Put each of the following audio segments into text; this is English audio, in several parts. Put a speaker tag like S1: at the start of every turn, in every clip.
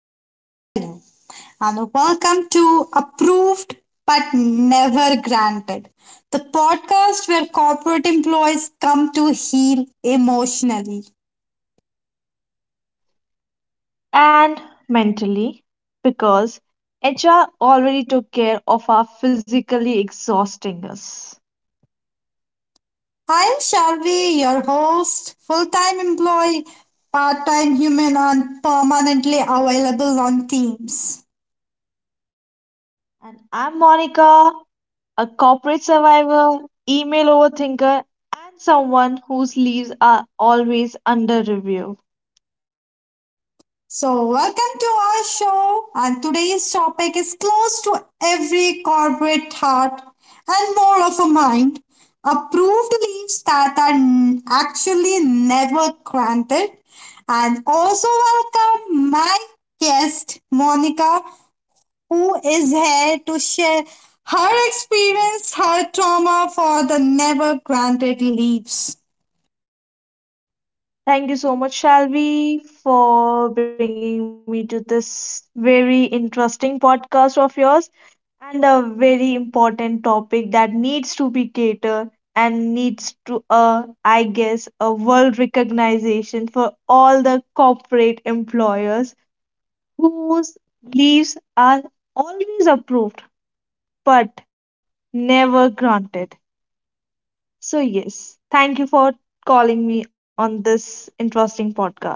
S1: hello, hello, and welcome to Approved but Never Granted, the podcast where corporate employees come to heal emotionally.
S2: And mentally, because HR already took care of our physically exhausting us.
S1: I am Shalvi, your host, full time employee, part time human, and permanently available on Teams.
S2: And I'm Monica, a corporate survivor, email overthinker, and someone whose leaves are always under review.
S1: So, welcome to our show, and today's topic is close to every corporate heart and more of a mind approved leaves that actually never granted. And also, welcome my guest, Monica, who is here to share her experience, her trauma for the never granted leaves.
S2: Thank you so much, Shalvi, for bringing me to this very interesting podcast of yours, and a very important topic that needs to be catered and needs to, I guess, a world recognition for all the corporate employers whose leaves are always approved but never granted. So yes, thank you for calling me on this interesting podcast.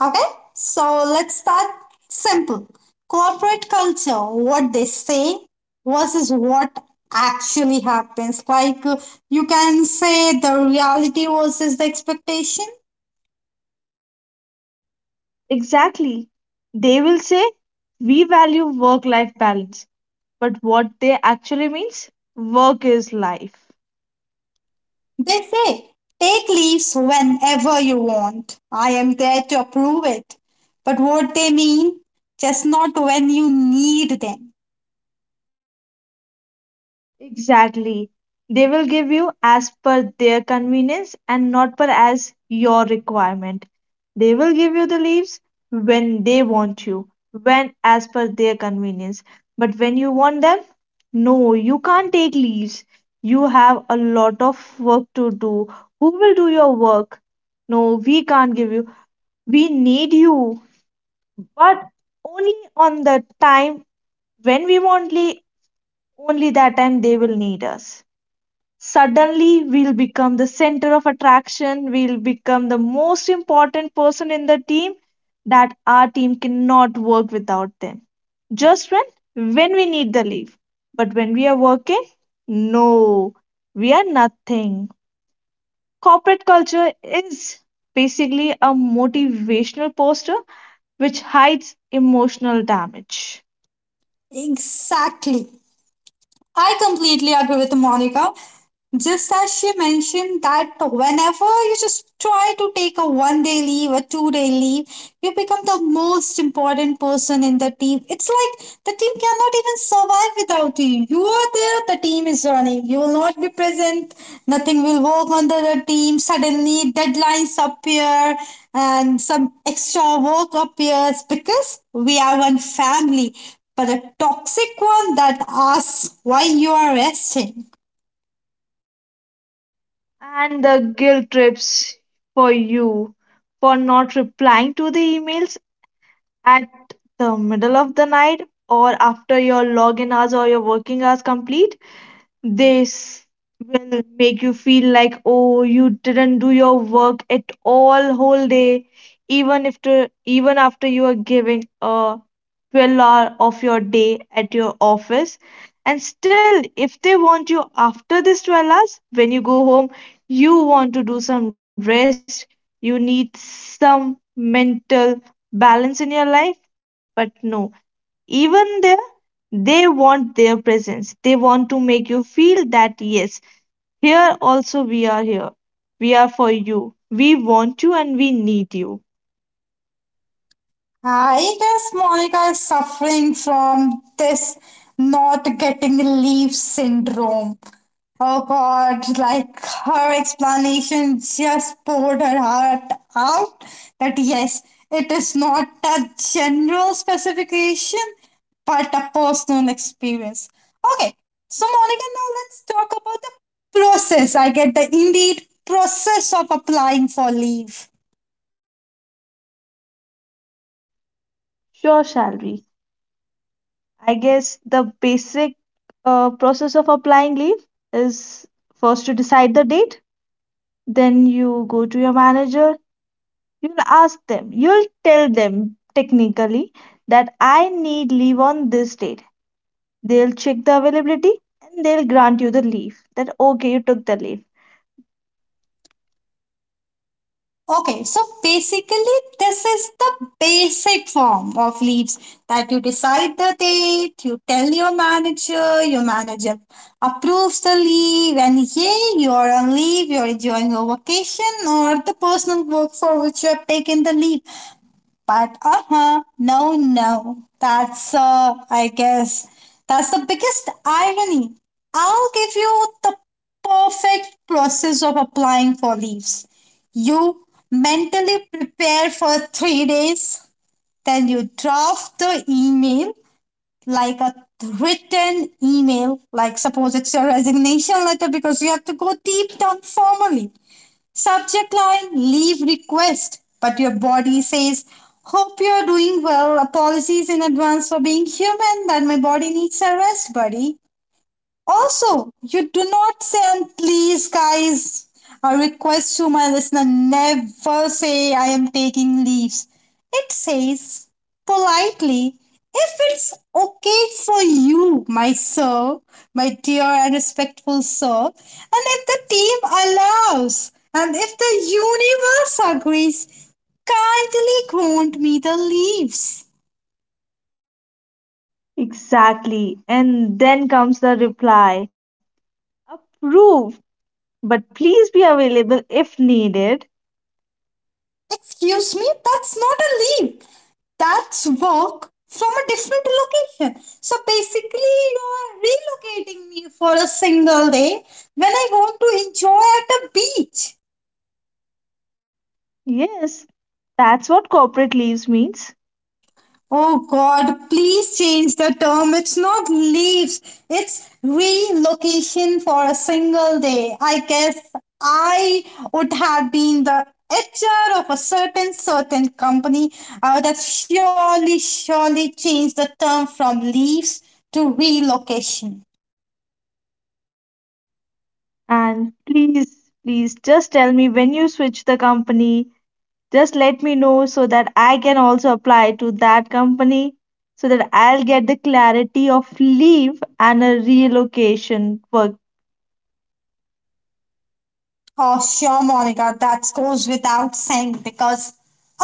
S1: Okay, so let's start simple. Corporate culture, what they say versus what actually happens. Like you can say the reality versus the expectation.
S2: Exactly, they will say we value work life balance, but what they actually means, work is life.
S1: They say take leaves whenever you want. I am there to approve it. But what they mean, just not when you need them.
S2: Exactly. They will give you as per their convenience and not per as your requirement. They will give you the leaves when they want you, when as per their convenience. But when you want them, no, you can't take leaves. You have a lot of work to do. Who will do your work? No, we can't give you. We need you. But only on the time when we want, only that time they will need us. Suddenly we'll become the center of attraction, we'll become the most important person in the team, that our team cannot work without them, just when we need the leave. But when we are working, no, we are nothing. Corporate culture is basically a motivational poster which hides emotional damage.
S1: Exactly. I completely agree with Monica. Just as she mentioned that whenever you just try to take a one day leave, a 2 day leave, you become the most important person in the team. It's like the team cannot even survive without you. You are there, the team is running. You will not be present, nothing will work under the team. Suddenly, deadlines appear and some extra work appears because we are one family, but a toxic one that asks why you are resting.
S2: And the guilt trips for you, for not replying to the emails at the middle of the night or after your login hours or your working hours complete, this will make you feel like, oh, you didn't do your work at all whole day, even if to, even after you are giving a 12 hour of your day at your office. And still, if they want you after this 12 hours, when you go home, you want to do some rest, you need some mental balance in your life. But no, even there, they want their presence. They want to make you feel that, yes, here also we are here. We are for you. We want you and we need you.
S1: I guess Monica is suffering from this not getting leave syndrome. Oh God, like her explanation just poured her heart out that yes, it is not a general specification, but a personal experience. Okay, so Monica, now let's talk about the process. I get the indeed process of applying for leave.
S2: Sure, Shalvi. I guess the basic process of applying leave is, first you decide the date, then you go to your manager, you'll ask them, you'll tell them technically that I need leave on this date. They'll check the availability and they'll grant you the leave, that okay, you took the leave.
S1: Okay, so basically, this is the basic form of leaves that you decide the date, you tell your manager approves the leave, and yay, you're on leave, you're enjoying your vacation or the personal work for which you have taken the leave. But no, no. That's, that's the biggest irony. I'll give you the perfect process of applying for leaves. You mentally prepare for 3 days, then you draft the email like a written email, like suppose it's your resignation letter because you have to go deep down formally. Subject line leave request, but your body says, hope you're doing well. Apologies in advance for being human, that my body needs a rest, buddy. Also, you do not say, and please, guys, a request to my listener, never say I am taking leaves. It says politely, if it's okay for you, my sir, my dear and respectful sir, and if the team allows, and if the universe agrees, kindly grant me the leaves.
S2: Exactly. And then comes the reply: approve, but please be available if needed.
S1: Excuse me, that's not a leaf. That's work from a different location. So basically, you are relocating me for a single day when I want to enjoy at a beach.
S2: Yes, that's what corporate leaves means.
S1: Oh God, please change the term. It's not leaves, it's relocation for a single day. I guess I would have been the HR of a certain company. I would have surely, surely changed the term from leaves to relocation.
S2: And please, please just tell me when you switch the company. Just let me know so that I can also apply to that company so that I'll get the clarity of leave and a relocation work.
S1: Oh, sure, Monica. That goes without saying because,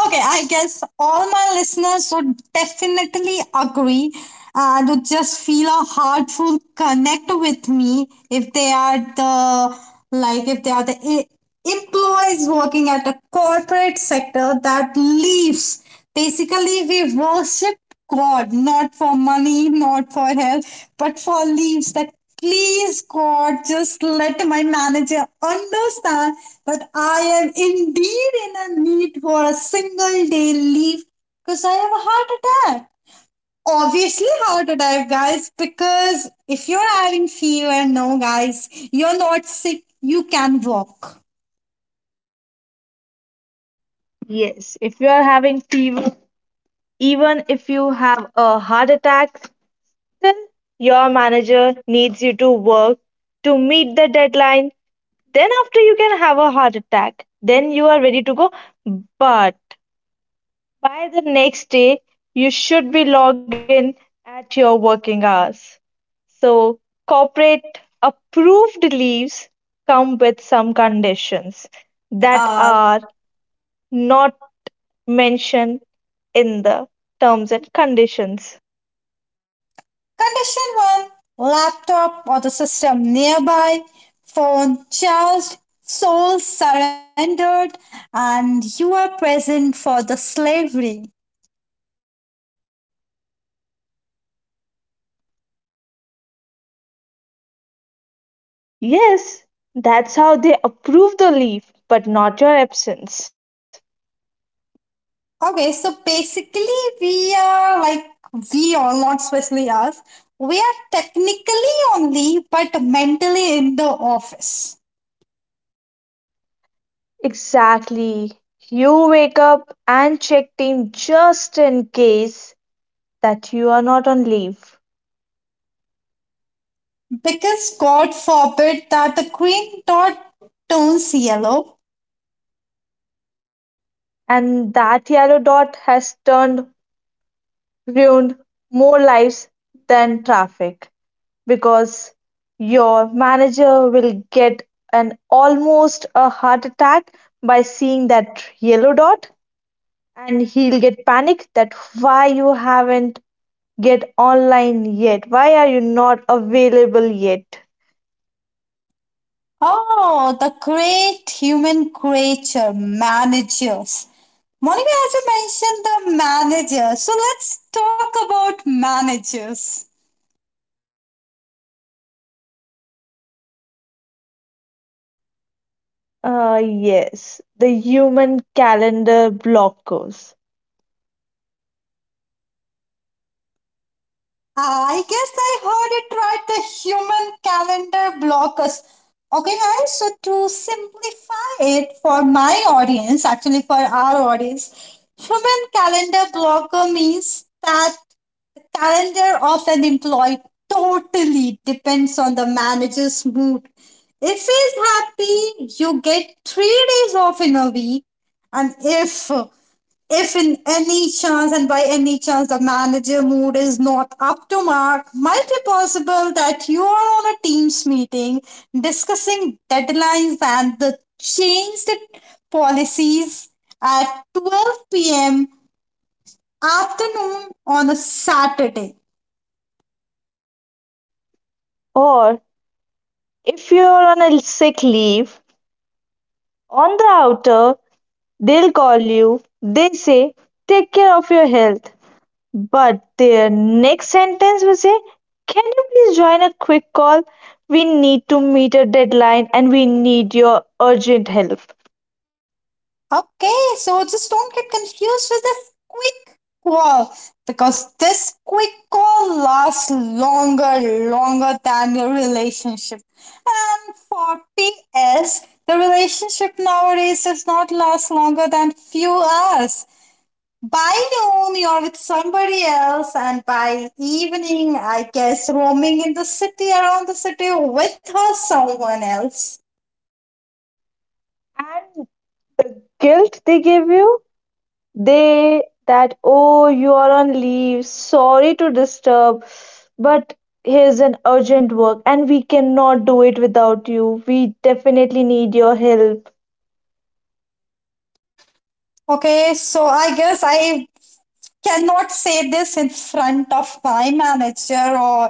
S1: okay, I guess all my listeners would definitely agree and would just feel a heartful connect with me if they are the, like, if they are the employees working at a corporate sector that leaves. Basically, we worship God not for money, not for health, but for leaves. That please, God, just let my manager understand that I am indeed in a need for a single day leave because I have a heart attack. Obviously heart attack guys, because if you're having fever, no guys, you're not sick, you can walk,
S2: Yes, if you are having fever, even if you have a heart attack, then your manager needs you to work to meet the deadline. Then, after you can have a heart attack, then you are ready to go. But by the next day, you should be logged in at your working hours. So, corporate approved leaves come with some conditions
S1: that
S2: that
S1: are
S2: are not mentioned in the terms and conditions.
S1: condition 1, laptop or the system nearby, phone charged, soul surrendered, and you are present for the slavery.
S2: Yes, that's how they approve the leave, but not your absence.
S1: Okay, so basically we are like, we or not especially us, we are technically only but mentally in the office,
S2: Exactly. You wake up and check team just in case that you are not on leave.
S1: because god forbid that the green dot turns yellow.
S2: And that yellow dot has turned ruined more lives than traffic, because your manager will get an almost a heart attack by seeing that yellow dot, and he'll get panic that why you haven't get online yet? Why are you not available yet?
S1: Oh, the great human creature, managers. Monica, as you mentioned the manager, so let's talk about managers.
S2: Yes, the human calendar blockers.
S1: I guess I heard it right, the human calendar blockers. Okay, guys, so to simplify it for my audience, actually for our audience, human calendar blocker means that calendar of an employee totally depends on the manager's mood. If he's happy, you get 3 days off in a week. And if in any chance and by any chance the manager mood is not up to mark, might be possible that you are on a teams meeting discussing deadlines and the changed policies at 12 p.m. afternoon on a Saturday.
S2: Or if you're on a sick leave, on the outer, they'll call you. They say, take care of your health. But their next sentence will say, can you please join a quick call? We need to meet a deadline and we need your urgent help.
S1: Okay, so just don't get confused with this quick call because this quick call lasts longer, longer than your relationship. And for PS, the relationship nowadays does not last longer than few hours. By noon, you're with somebody else, and by evening, I guess, roaming in the city around the city with her someone else.
S2: And guilt they give you? They that, oh, you are on leave, sorry to disturb, but here's an urgent work and we cannot do it without you. We definitely need your help.
S1: Okay, so I guess I cannot say this in front of my manager or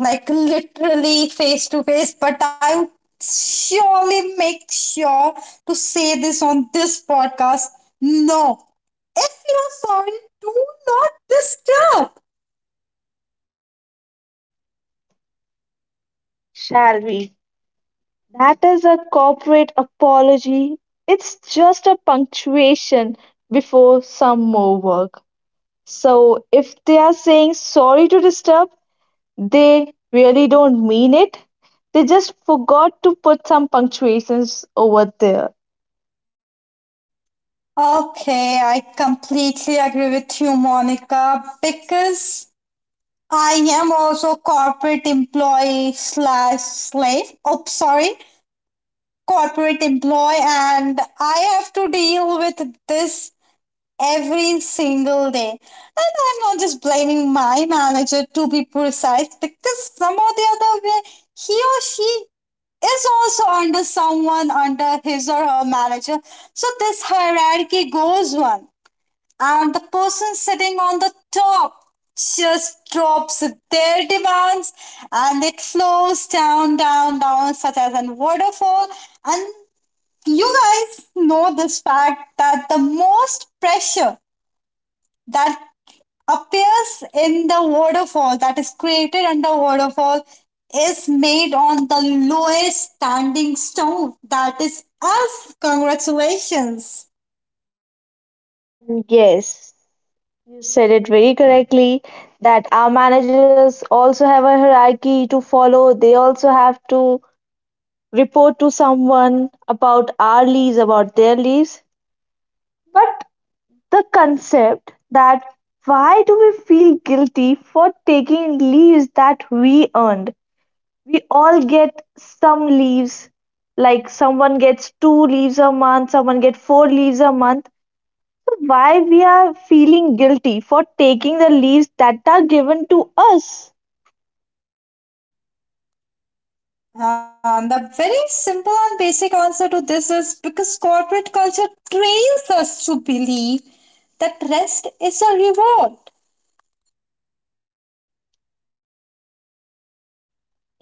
S1: like literally face to face, but I would surely make sure to say this on this podcast. No, if you're sorry, do not disturb.
S2: Shall we? That is a corporate apology. It's just a punctuation before some more work. So if they are saying sorry to disturb, they really don't mean it. They just forgot to put some punctuations over there.
S1: Okay, I completely agree with you, Monica, because I am also corporate employee slash slave. Oh, sorry, corporate employee, and I have to deal with this every single day. And I'm not just blaming my manager to be precise because some or the other way he or she is also under someone under his or her manager. So this hierarchy goes on. And the person sitting on the top just drops their demands and it flows down, down, down, such as a waterfall. And you guys know this fact that the most pressure that appears in the waterfall, that is created under waterfall, is made on the lowest standing stone. That is us. Congratulations.
S2: And yes, you said it very correctly that our managers also have a hierarchy to follow. They also have to report to someone about our leaves, about their leaves. But the concept that, why do we feel guilty for taking leaves that we earned? We all get some leaves, like someone gets two leaves a month, someone gets four leaves a month. So why we are feeling guilty for taking the leaves that are given to us?
S1: The very simple and basic answer to this is because corporate culture trains us to believe that rest is a reward.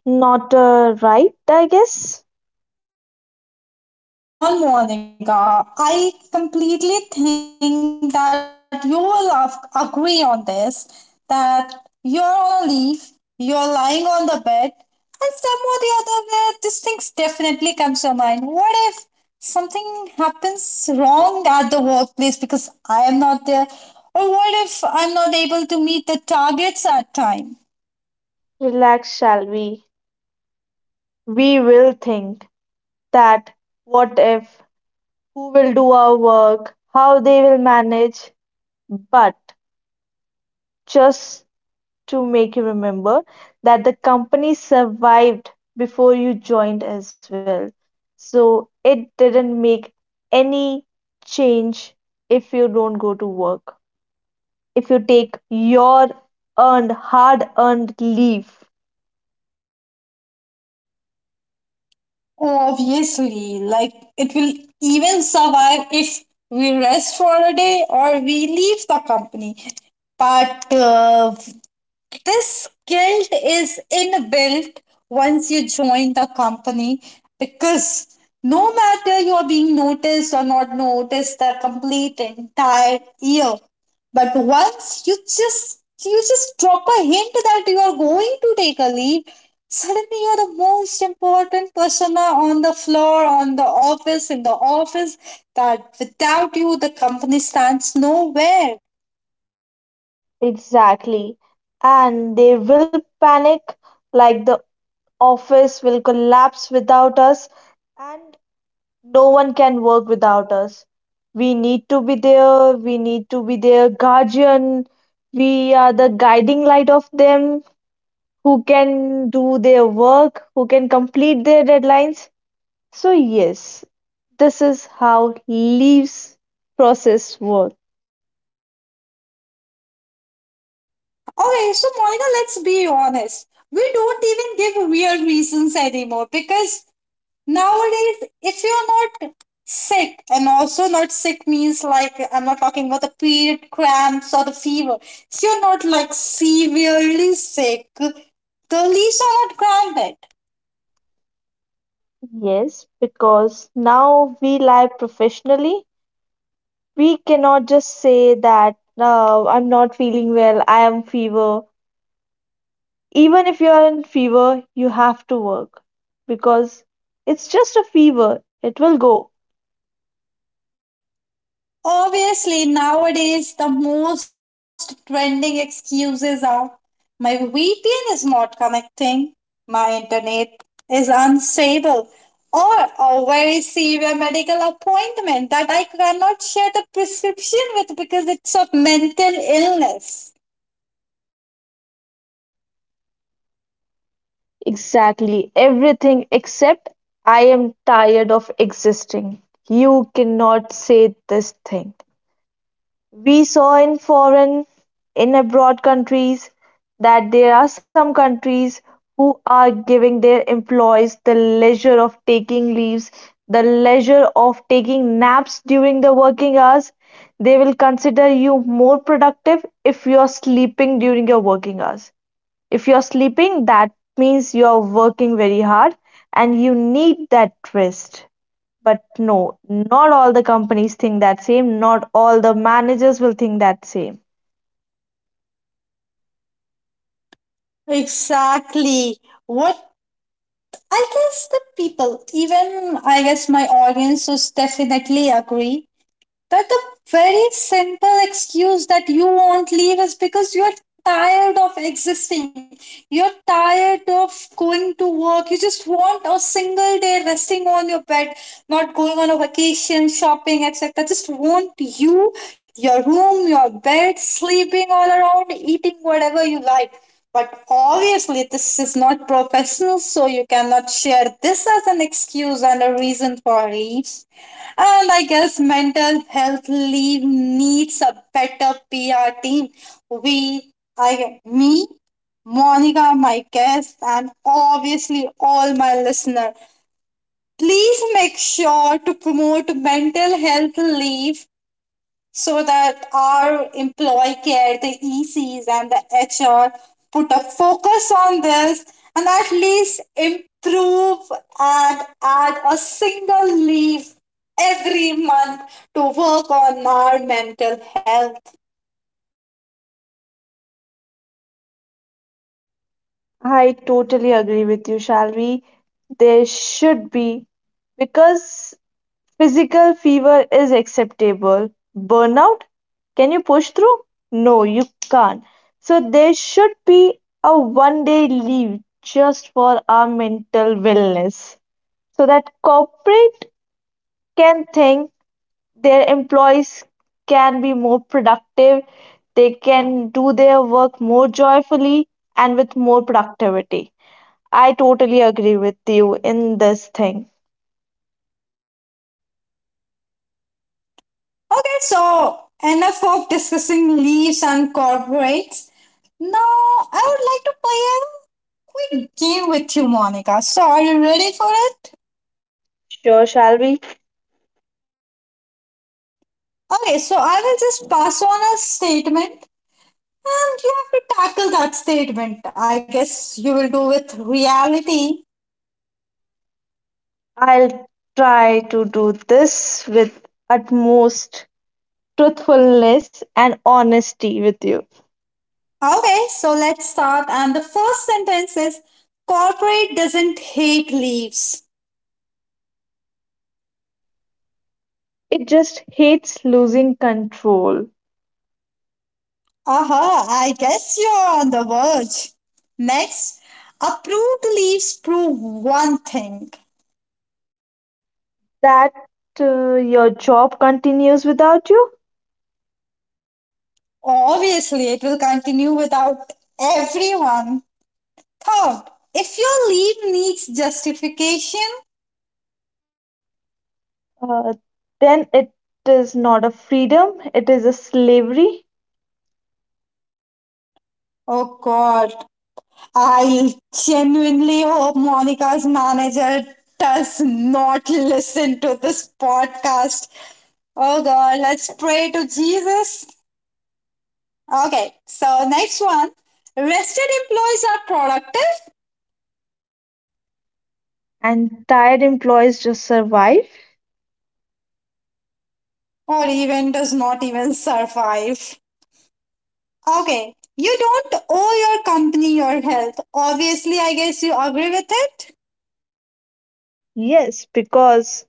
S2: Not right, I guess.
S1: Come on, Monica. I completely think that you will agree on this, that you're on a leave, you're lying on the bed, and somehow the other way, this thing definitely comes to mind. What if something happens wrong at the workplace because I am not there? Or what if I'm not able to meet the targets at time?
S2: Relax, shall we? We will think that what if, who will do our work, how they will manage. But just to make you remember that the company survived before you joined as well. So it didn't make any change if you don't go to work, if you take your earned, hard earned leave.
S1: Obviously, like it will even survive if we rest for a day or we leave the company. But this guilt is inbuilt once you join the company, because no matter you are being noticed or not noticed the complete entire year, but once you just drop a hint that you are going to take a leave, suddenly you're the most important persona on the floor, on the office, in the office, that without you the company stands nowhere.
S2: Exactly. And they will panic like the office will collapse without us. And no one can work without us. We need to be there, we need to be their guardian, we are the guiding light of them, who can do their work, who can complete their deadlines. So, yes, this is how leaves process work.
S1: Okay, so Monica, let's be honest. We don't even give real reasons anymore because nowadays, if you're not sick, and also not sick means like I'm not talking about the period cramps or the fever, if you're not like severely sick, the leaves are not granted.
S2: Yes, because now we live professionally. We cannot just say that, I'm not feeling well, I am fever. Even if you are in fever, you have to work, because it's just a fever, it will go.
S1: Obviously, nowadays the most trending excuses are my VPN is not connecting, my internet is unstable, or a very severe medical appointment that I cannot share the prescription with because it's a mental illness.
S2: Exactly, everything except I am tired of existing. You cannot say this thing. We saw in foreign, in abroad countries, that there are some countries who are giving their employees the leisure of taking leaves, the leisure of taking naps during the working hours. They will consider you more productive if you are sleeping during your working hours. If you are sleeping, that means you are working very hard and you need that rest. But no, not all the companies think that same, not all the managers will think that same.
S1: Exactly. What I guess the people, even I guess my audience, would definitely agree, that the very simple excuse that you won't leave is because you're tired of existing. You're tired of going to work. You just want a single day resting on your bed, not going on a vacation, shopping, etc. Just want you, your room, your bed, sleeping all around, eating whatever you like. But obviously, this is not professional, so you cannot share this as an excuse and a reason for leaves. And I guess mental health leave needs a better PR team. We, I, me, Monica, my guest, and obviously all my listener, please make sure to promote mental health leave so that our employee care, the ECs, and the HR put a focus on this and at least improve and add a single leave every month to work on our mental health.
S2: I totally agree with you, Shalvi. There should be, because physical fever is acceptable. Burnout? Can you push through? No, you can't. So there should be a 1 day leave just for our mental wellness, so that corporate can think their employees can be more productive, they can do their work more joyfully and with more productivity. I totally agree with you in this thing.
S1: Okay, so enough of discussing leaves and corporates. Now, I would like to play a quick game with you, Monica. So, are you ready for it?
S2: Sure, shall we?
S1: Okay, so I will just pass on a statement, and you have to tackle that statement. I guess you will do with reality.
S2: I'll try to do this with utmost truthfulness and honesty with you.
S1: Okay, so let's start. And the first sentence is corporate doesn't hate leaves.
S2: It just hates losing control.
S1: Aha, I guess you're on the verge. Next, approved leaves prove one thing.
S2: That, your job continues without you.
S1: Obviously, it will continue without everyone. Third, if your leave needs justification,
S2: uh, then it is not a freedom, it is a slavery.
S1: oh god, I genuinely hope Monica's manager does not listen to this podcast. Oh God, let's pray to Jesus. Okay, so next one. Rested employees are productive,
S2: And tired employees just survive.
S1: or even does not even survive. Okay, you don't owe your company your health. Obviously, I guess you agree with it.
S2: Yes, because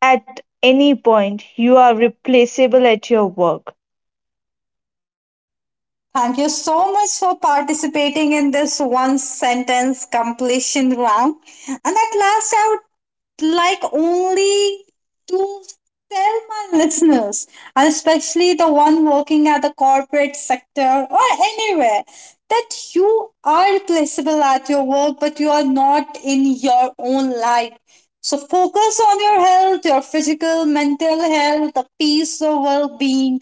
S2: at any point you are replaceable at your work.
S1: Thank you so much for participating in this one sentence completion round. And at last, I would like only to tell my listeners, and especially the one working at the corporate sector or anywhere, that you are replaceable at your work, but you are not in your own life. So focus on your health, your physical, mental health, the peace of well being.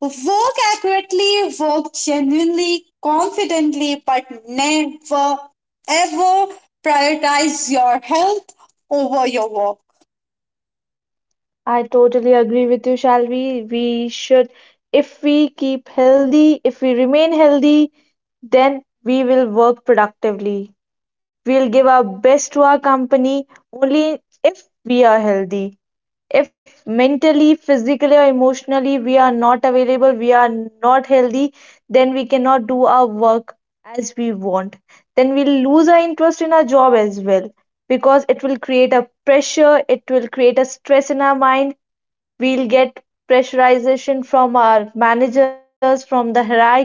S1: Work accurately, work genuinely, confidently, but never ever prioritize your health over your work.
S2: I totally agree with you, Shalvi. We should, if we keep healthy, if we remain healthy, then we will work productively. We'll give our best to our company only if we are healthy. If mentally, physically, or emotionally we are not available, we are not healthy, then we cannot do our work as we want. Then we'll lose our interest in our job as well, because it will create a pressure, it will create a stress in our mind. We'll get pressurization from our managers, from the hierarchy,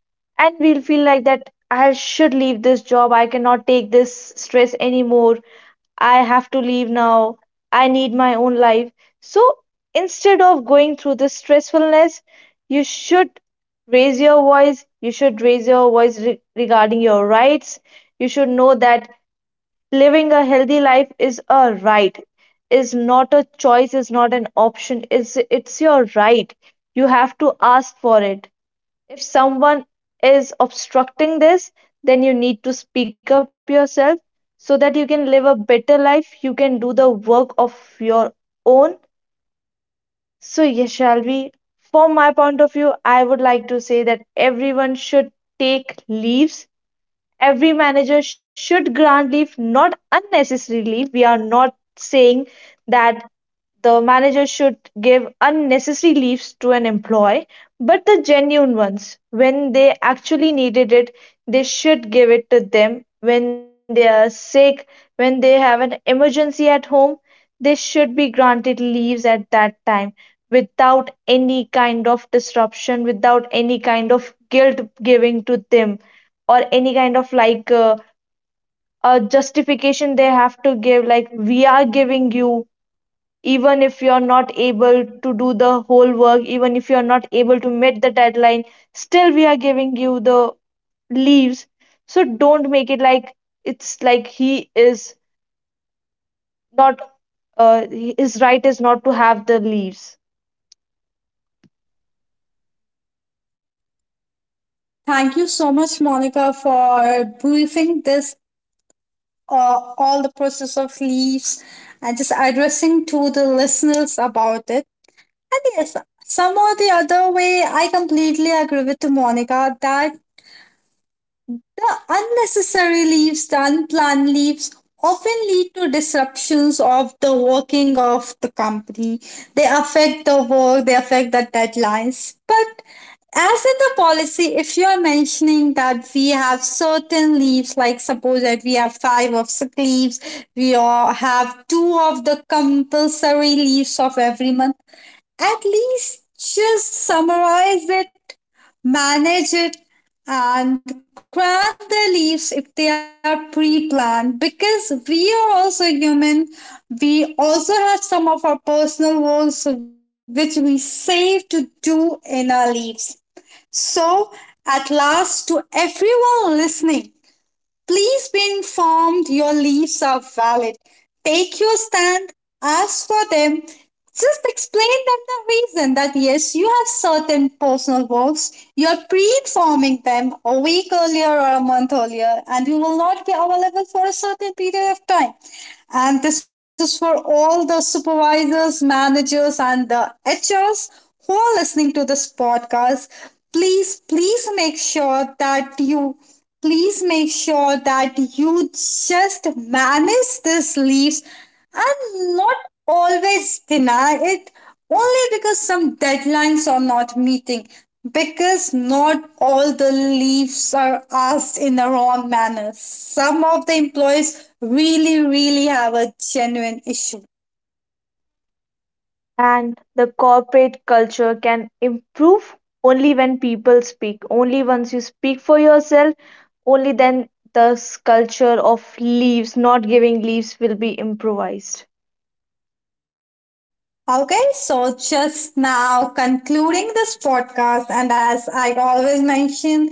S2: and we'll feel like that I should leave this job, I cannot take this stress anymore. I have to leave now. I need my own life. So instead of going through this stressfulness, you should raise your voice. You should raise your voice regarding your rights. You should know that living a healthy life is a right, is not a choice, is not an option. Is it's your right. You have to ask for it. If someone is obstructing this, then you need to speak up yourself so that you can live a better life. You can do the work of your own. So, yes, shall we? From my point of view, I would like to say that everyone should take leaves. Every manager should grant leave, not unnecessary leave. We are not saying that the manager should give unnecessary leaves to an employee, but the genuine ones, when they actually needed it, they should give it to them. When they are sick, when they have an emergency at home, they should be granted leaves at that time without any kind of disruption, without any kind of guilt giving to them, or any kind of like, a justification they have to give, like, we are giving you even if you're not able to do the whole work, even if you're not able to meet the deadline, still we are giving you the leaves. So don't make it like, it's like he is not, his right is not to have the leaves.
S1: Thank you so much, Monica, for briefing this all the process of leaves and just addressing to the listeners about it. And yes, some or the other way, I completely agree with Monica that the unnecessary leaves, the unplanned leaves, often lead to disruptions of the working of the company. They affect the work, they affect the deadlines. But as in the policy, if you are mentioning that we have certain leaves, like suppose that we have five of sick leaves, we all have two of the compulsory leaves of every month, at least just summarize it, manage it, and grant their leaves if they are pre planned because we are also human. We also have some of our personal goals which we save to do in our leaves. So, at last, to everyone listening, please be informed your leaves are valid. Take your stand, ask for them. Just explain them the reason that yes, you have certain personal works. You are pre-informing them a week earlier or a month earlier, and you will not be available for a certain period of time. And this is for all the supervisors, managers, and the HRs who are listening to this podcast. Please, please make sure that you please make sure that you just manage these leaves and not always deny it only because some deadlines are not meeting, because not all the leaves are asked in the wrong manner. Some of the employees really, really have a genuine issue.
S2: And the corporate culture can improve only when people speak. Only once you speak for yourself, only then the culture of leaves, not giving leaves, will be improvised.
S1: Okay, so just now concluding this podcast, and as I always mention,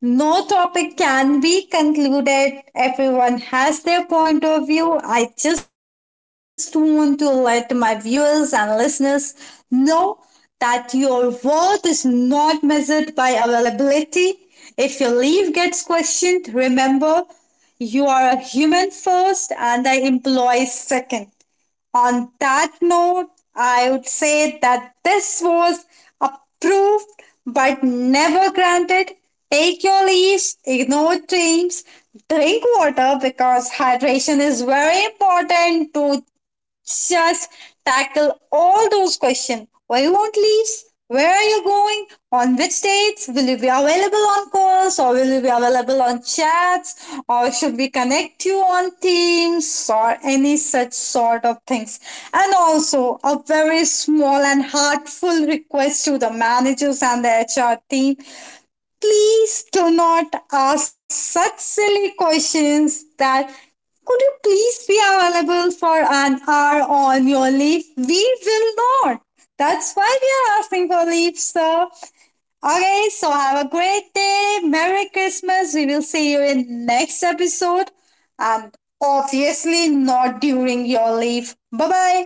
S1: no topic can be concluded. Everyone has their point of view. I just want to let my viewers and listeners know that your worth is not measured by availability. If your leave gets questioned, remember you are a human first and the employee second. On that note, I would say that this was approved but never granted. Take your leaves, ignore dreams, drink water because hydration is very important to just tackle all those questions. Why you want leaves? Where are you going? On which dates? Will you be available on calls or will you be available on chats? Or should we connect you on Teams or any such sort of things? And also a very small and heartful request to the managers and the HR team. Please do not ask such silly questions that could you please be available for an hour on your leave? We will not. That's why we are asking for leave, sir. Okay, so have a great day. Merry Christmas. We will see you in next episode. And obviously not during your leave. Bye bye.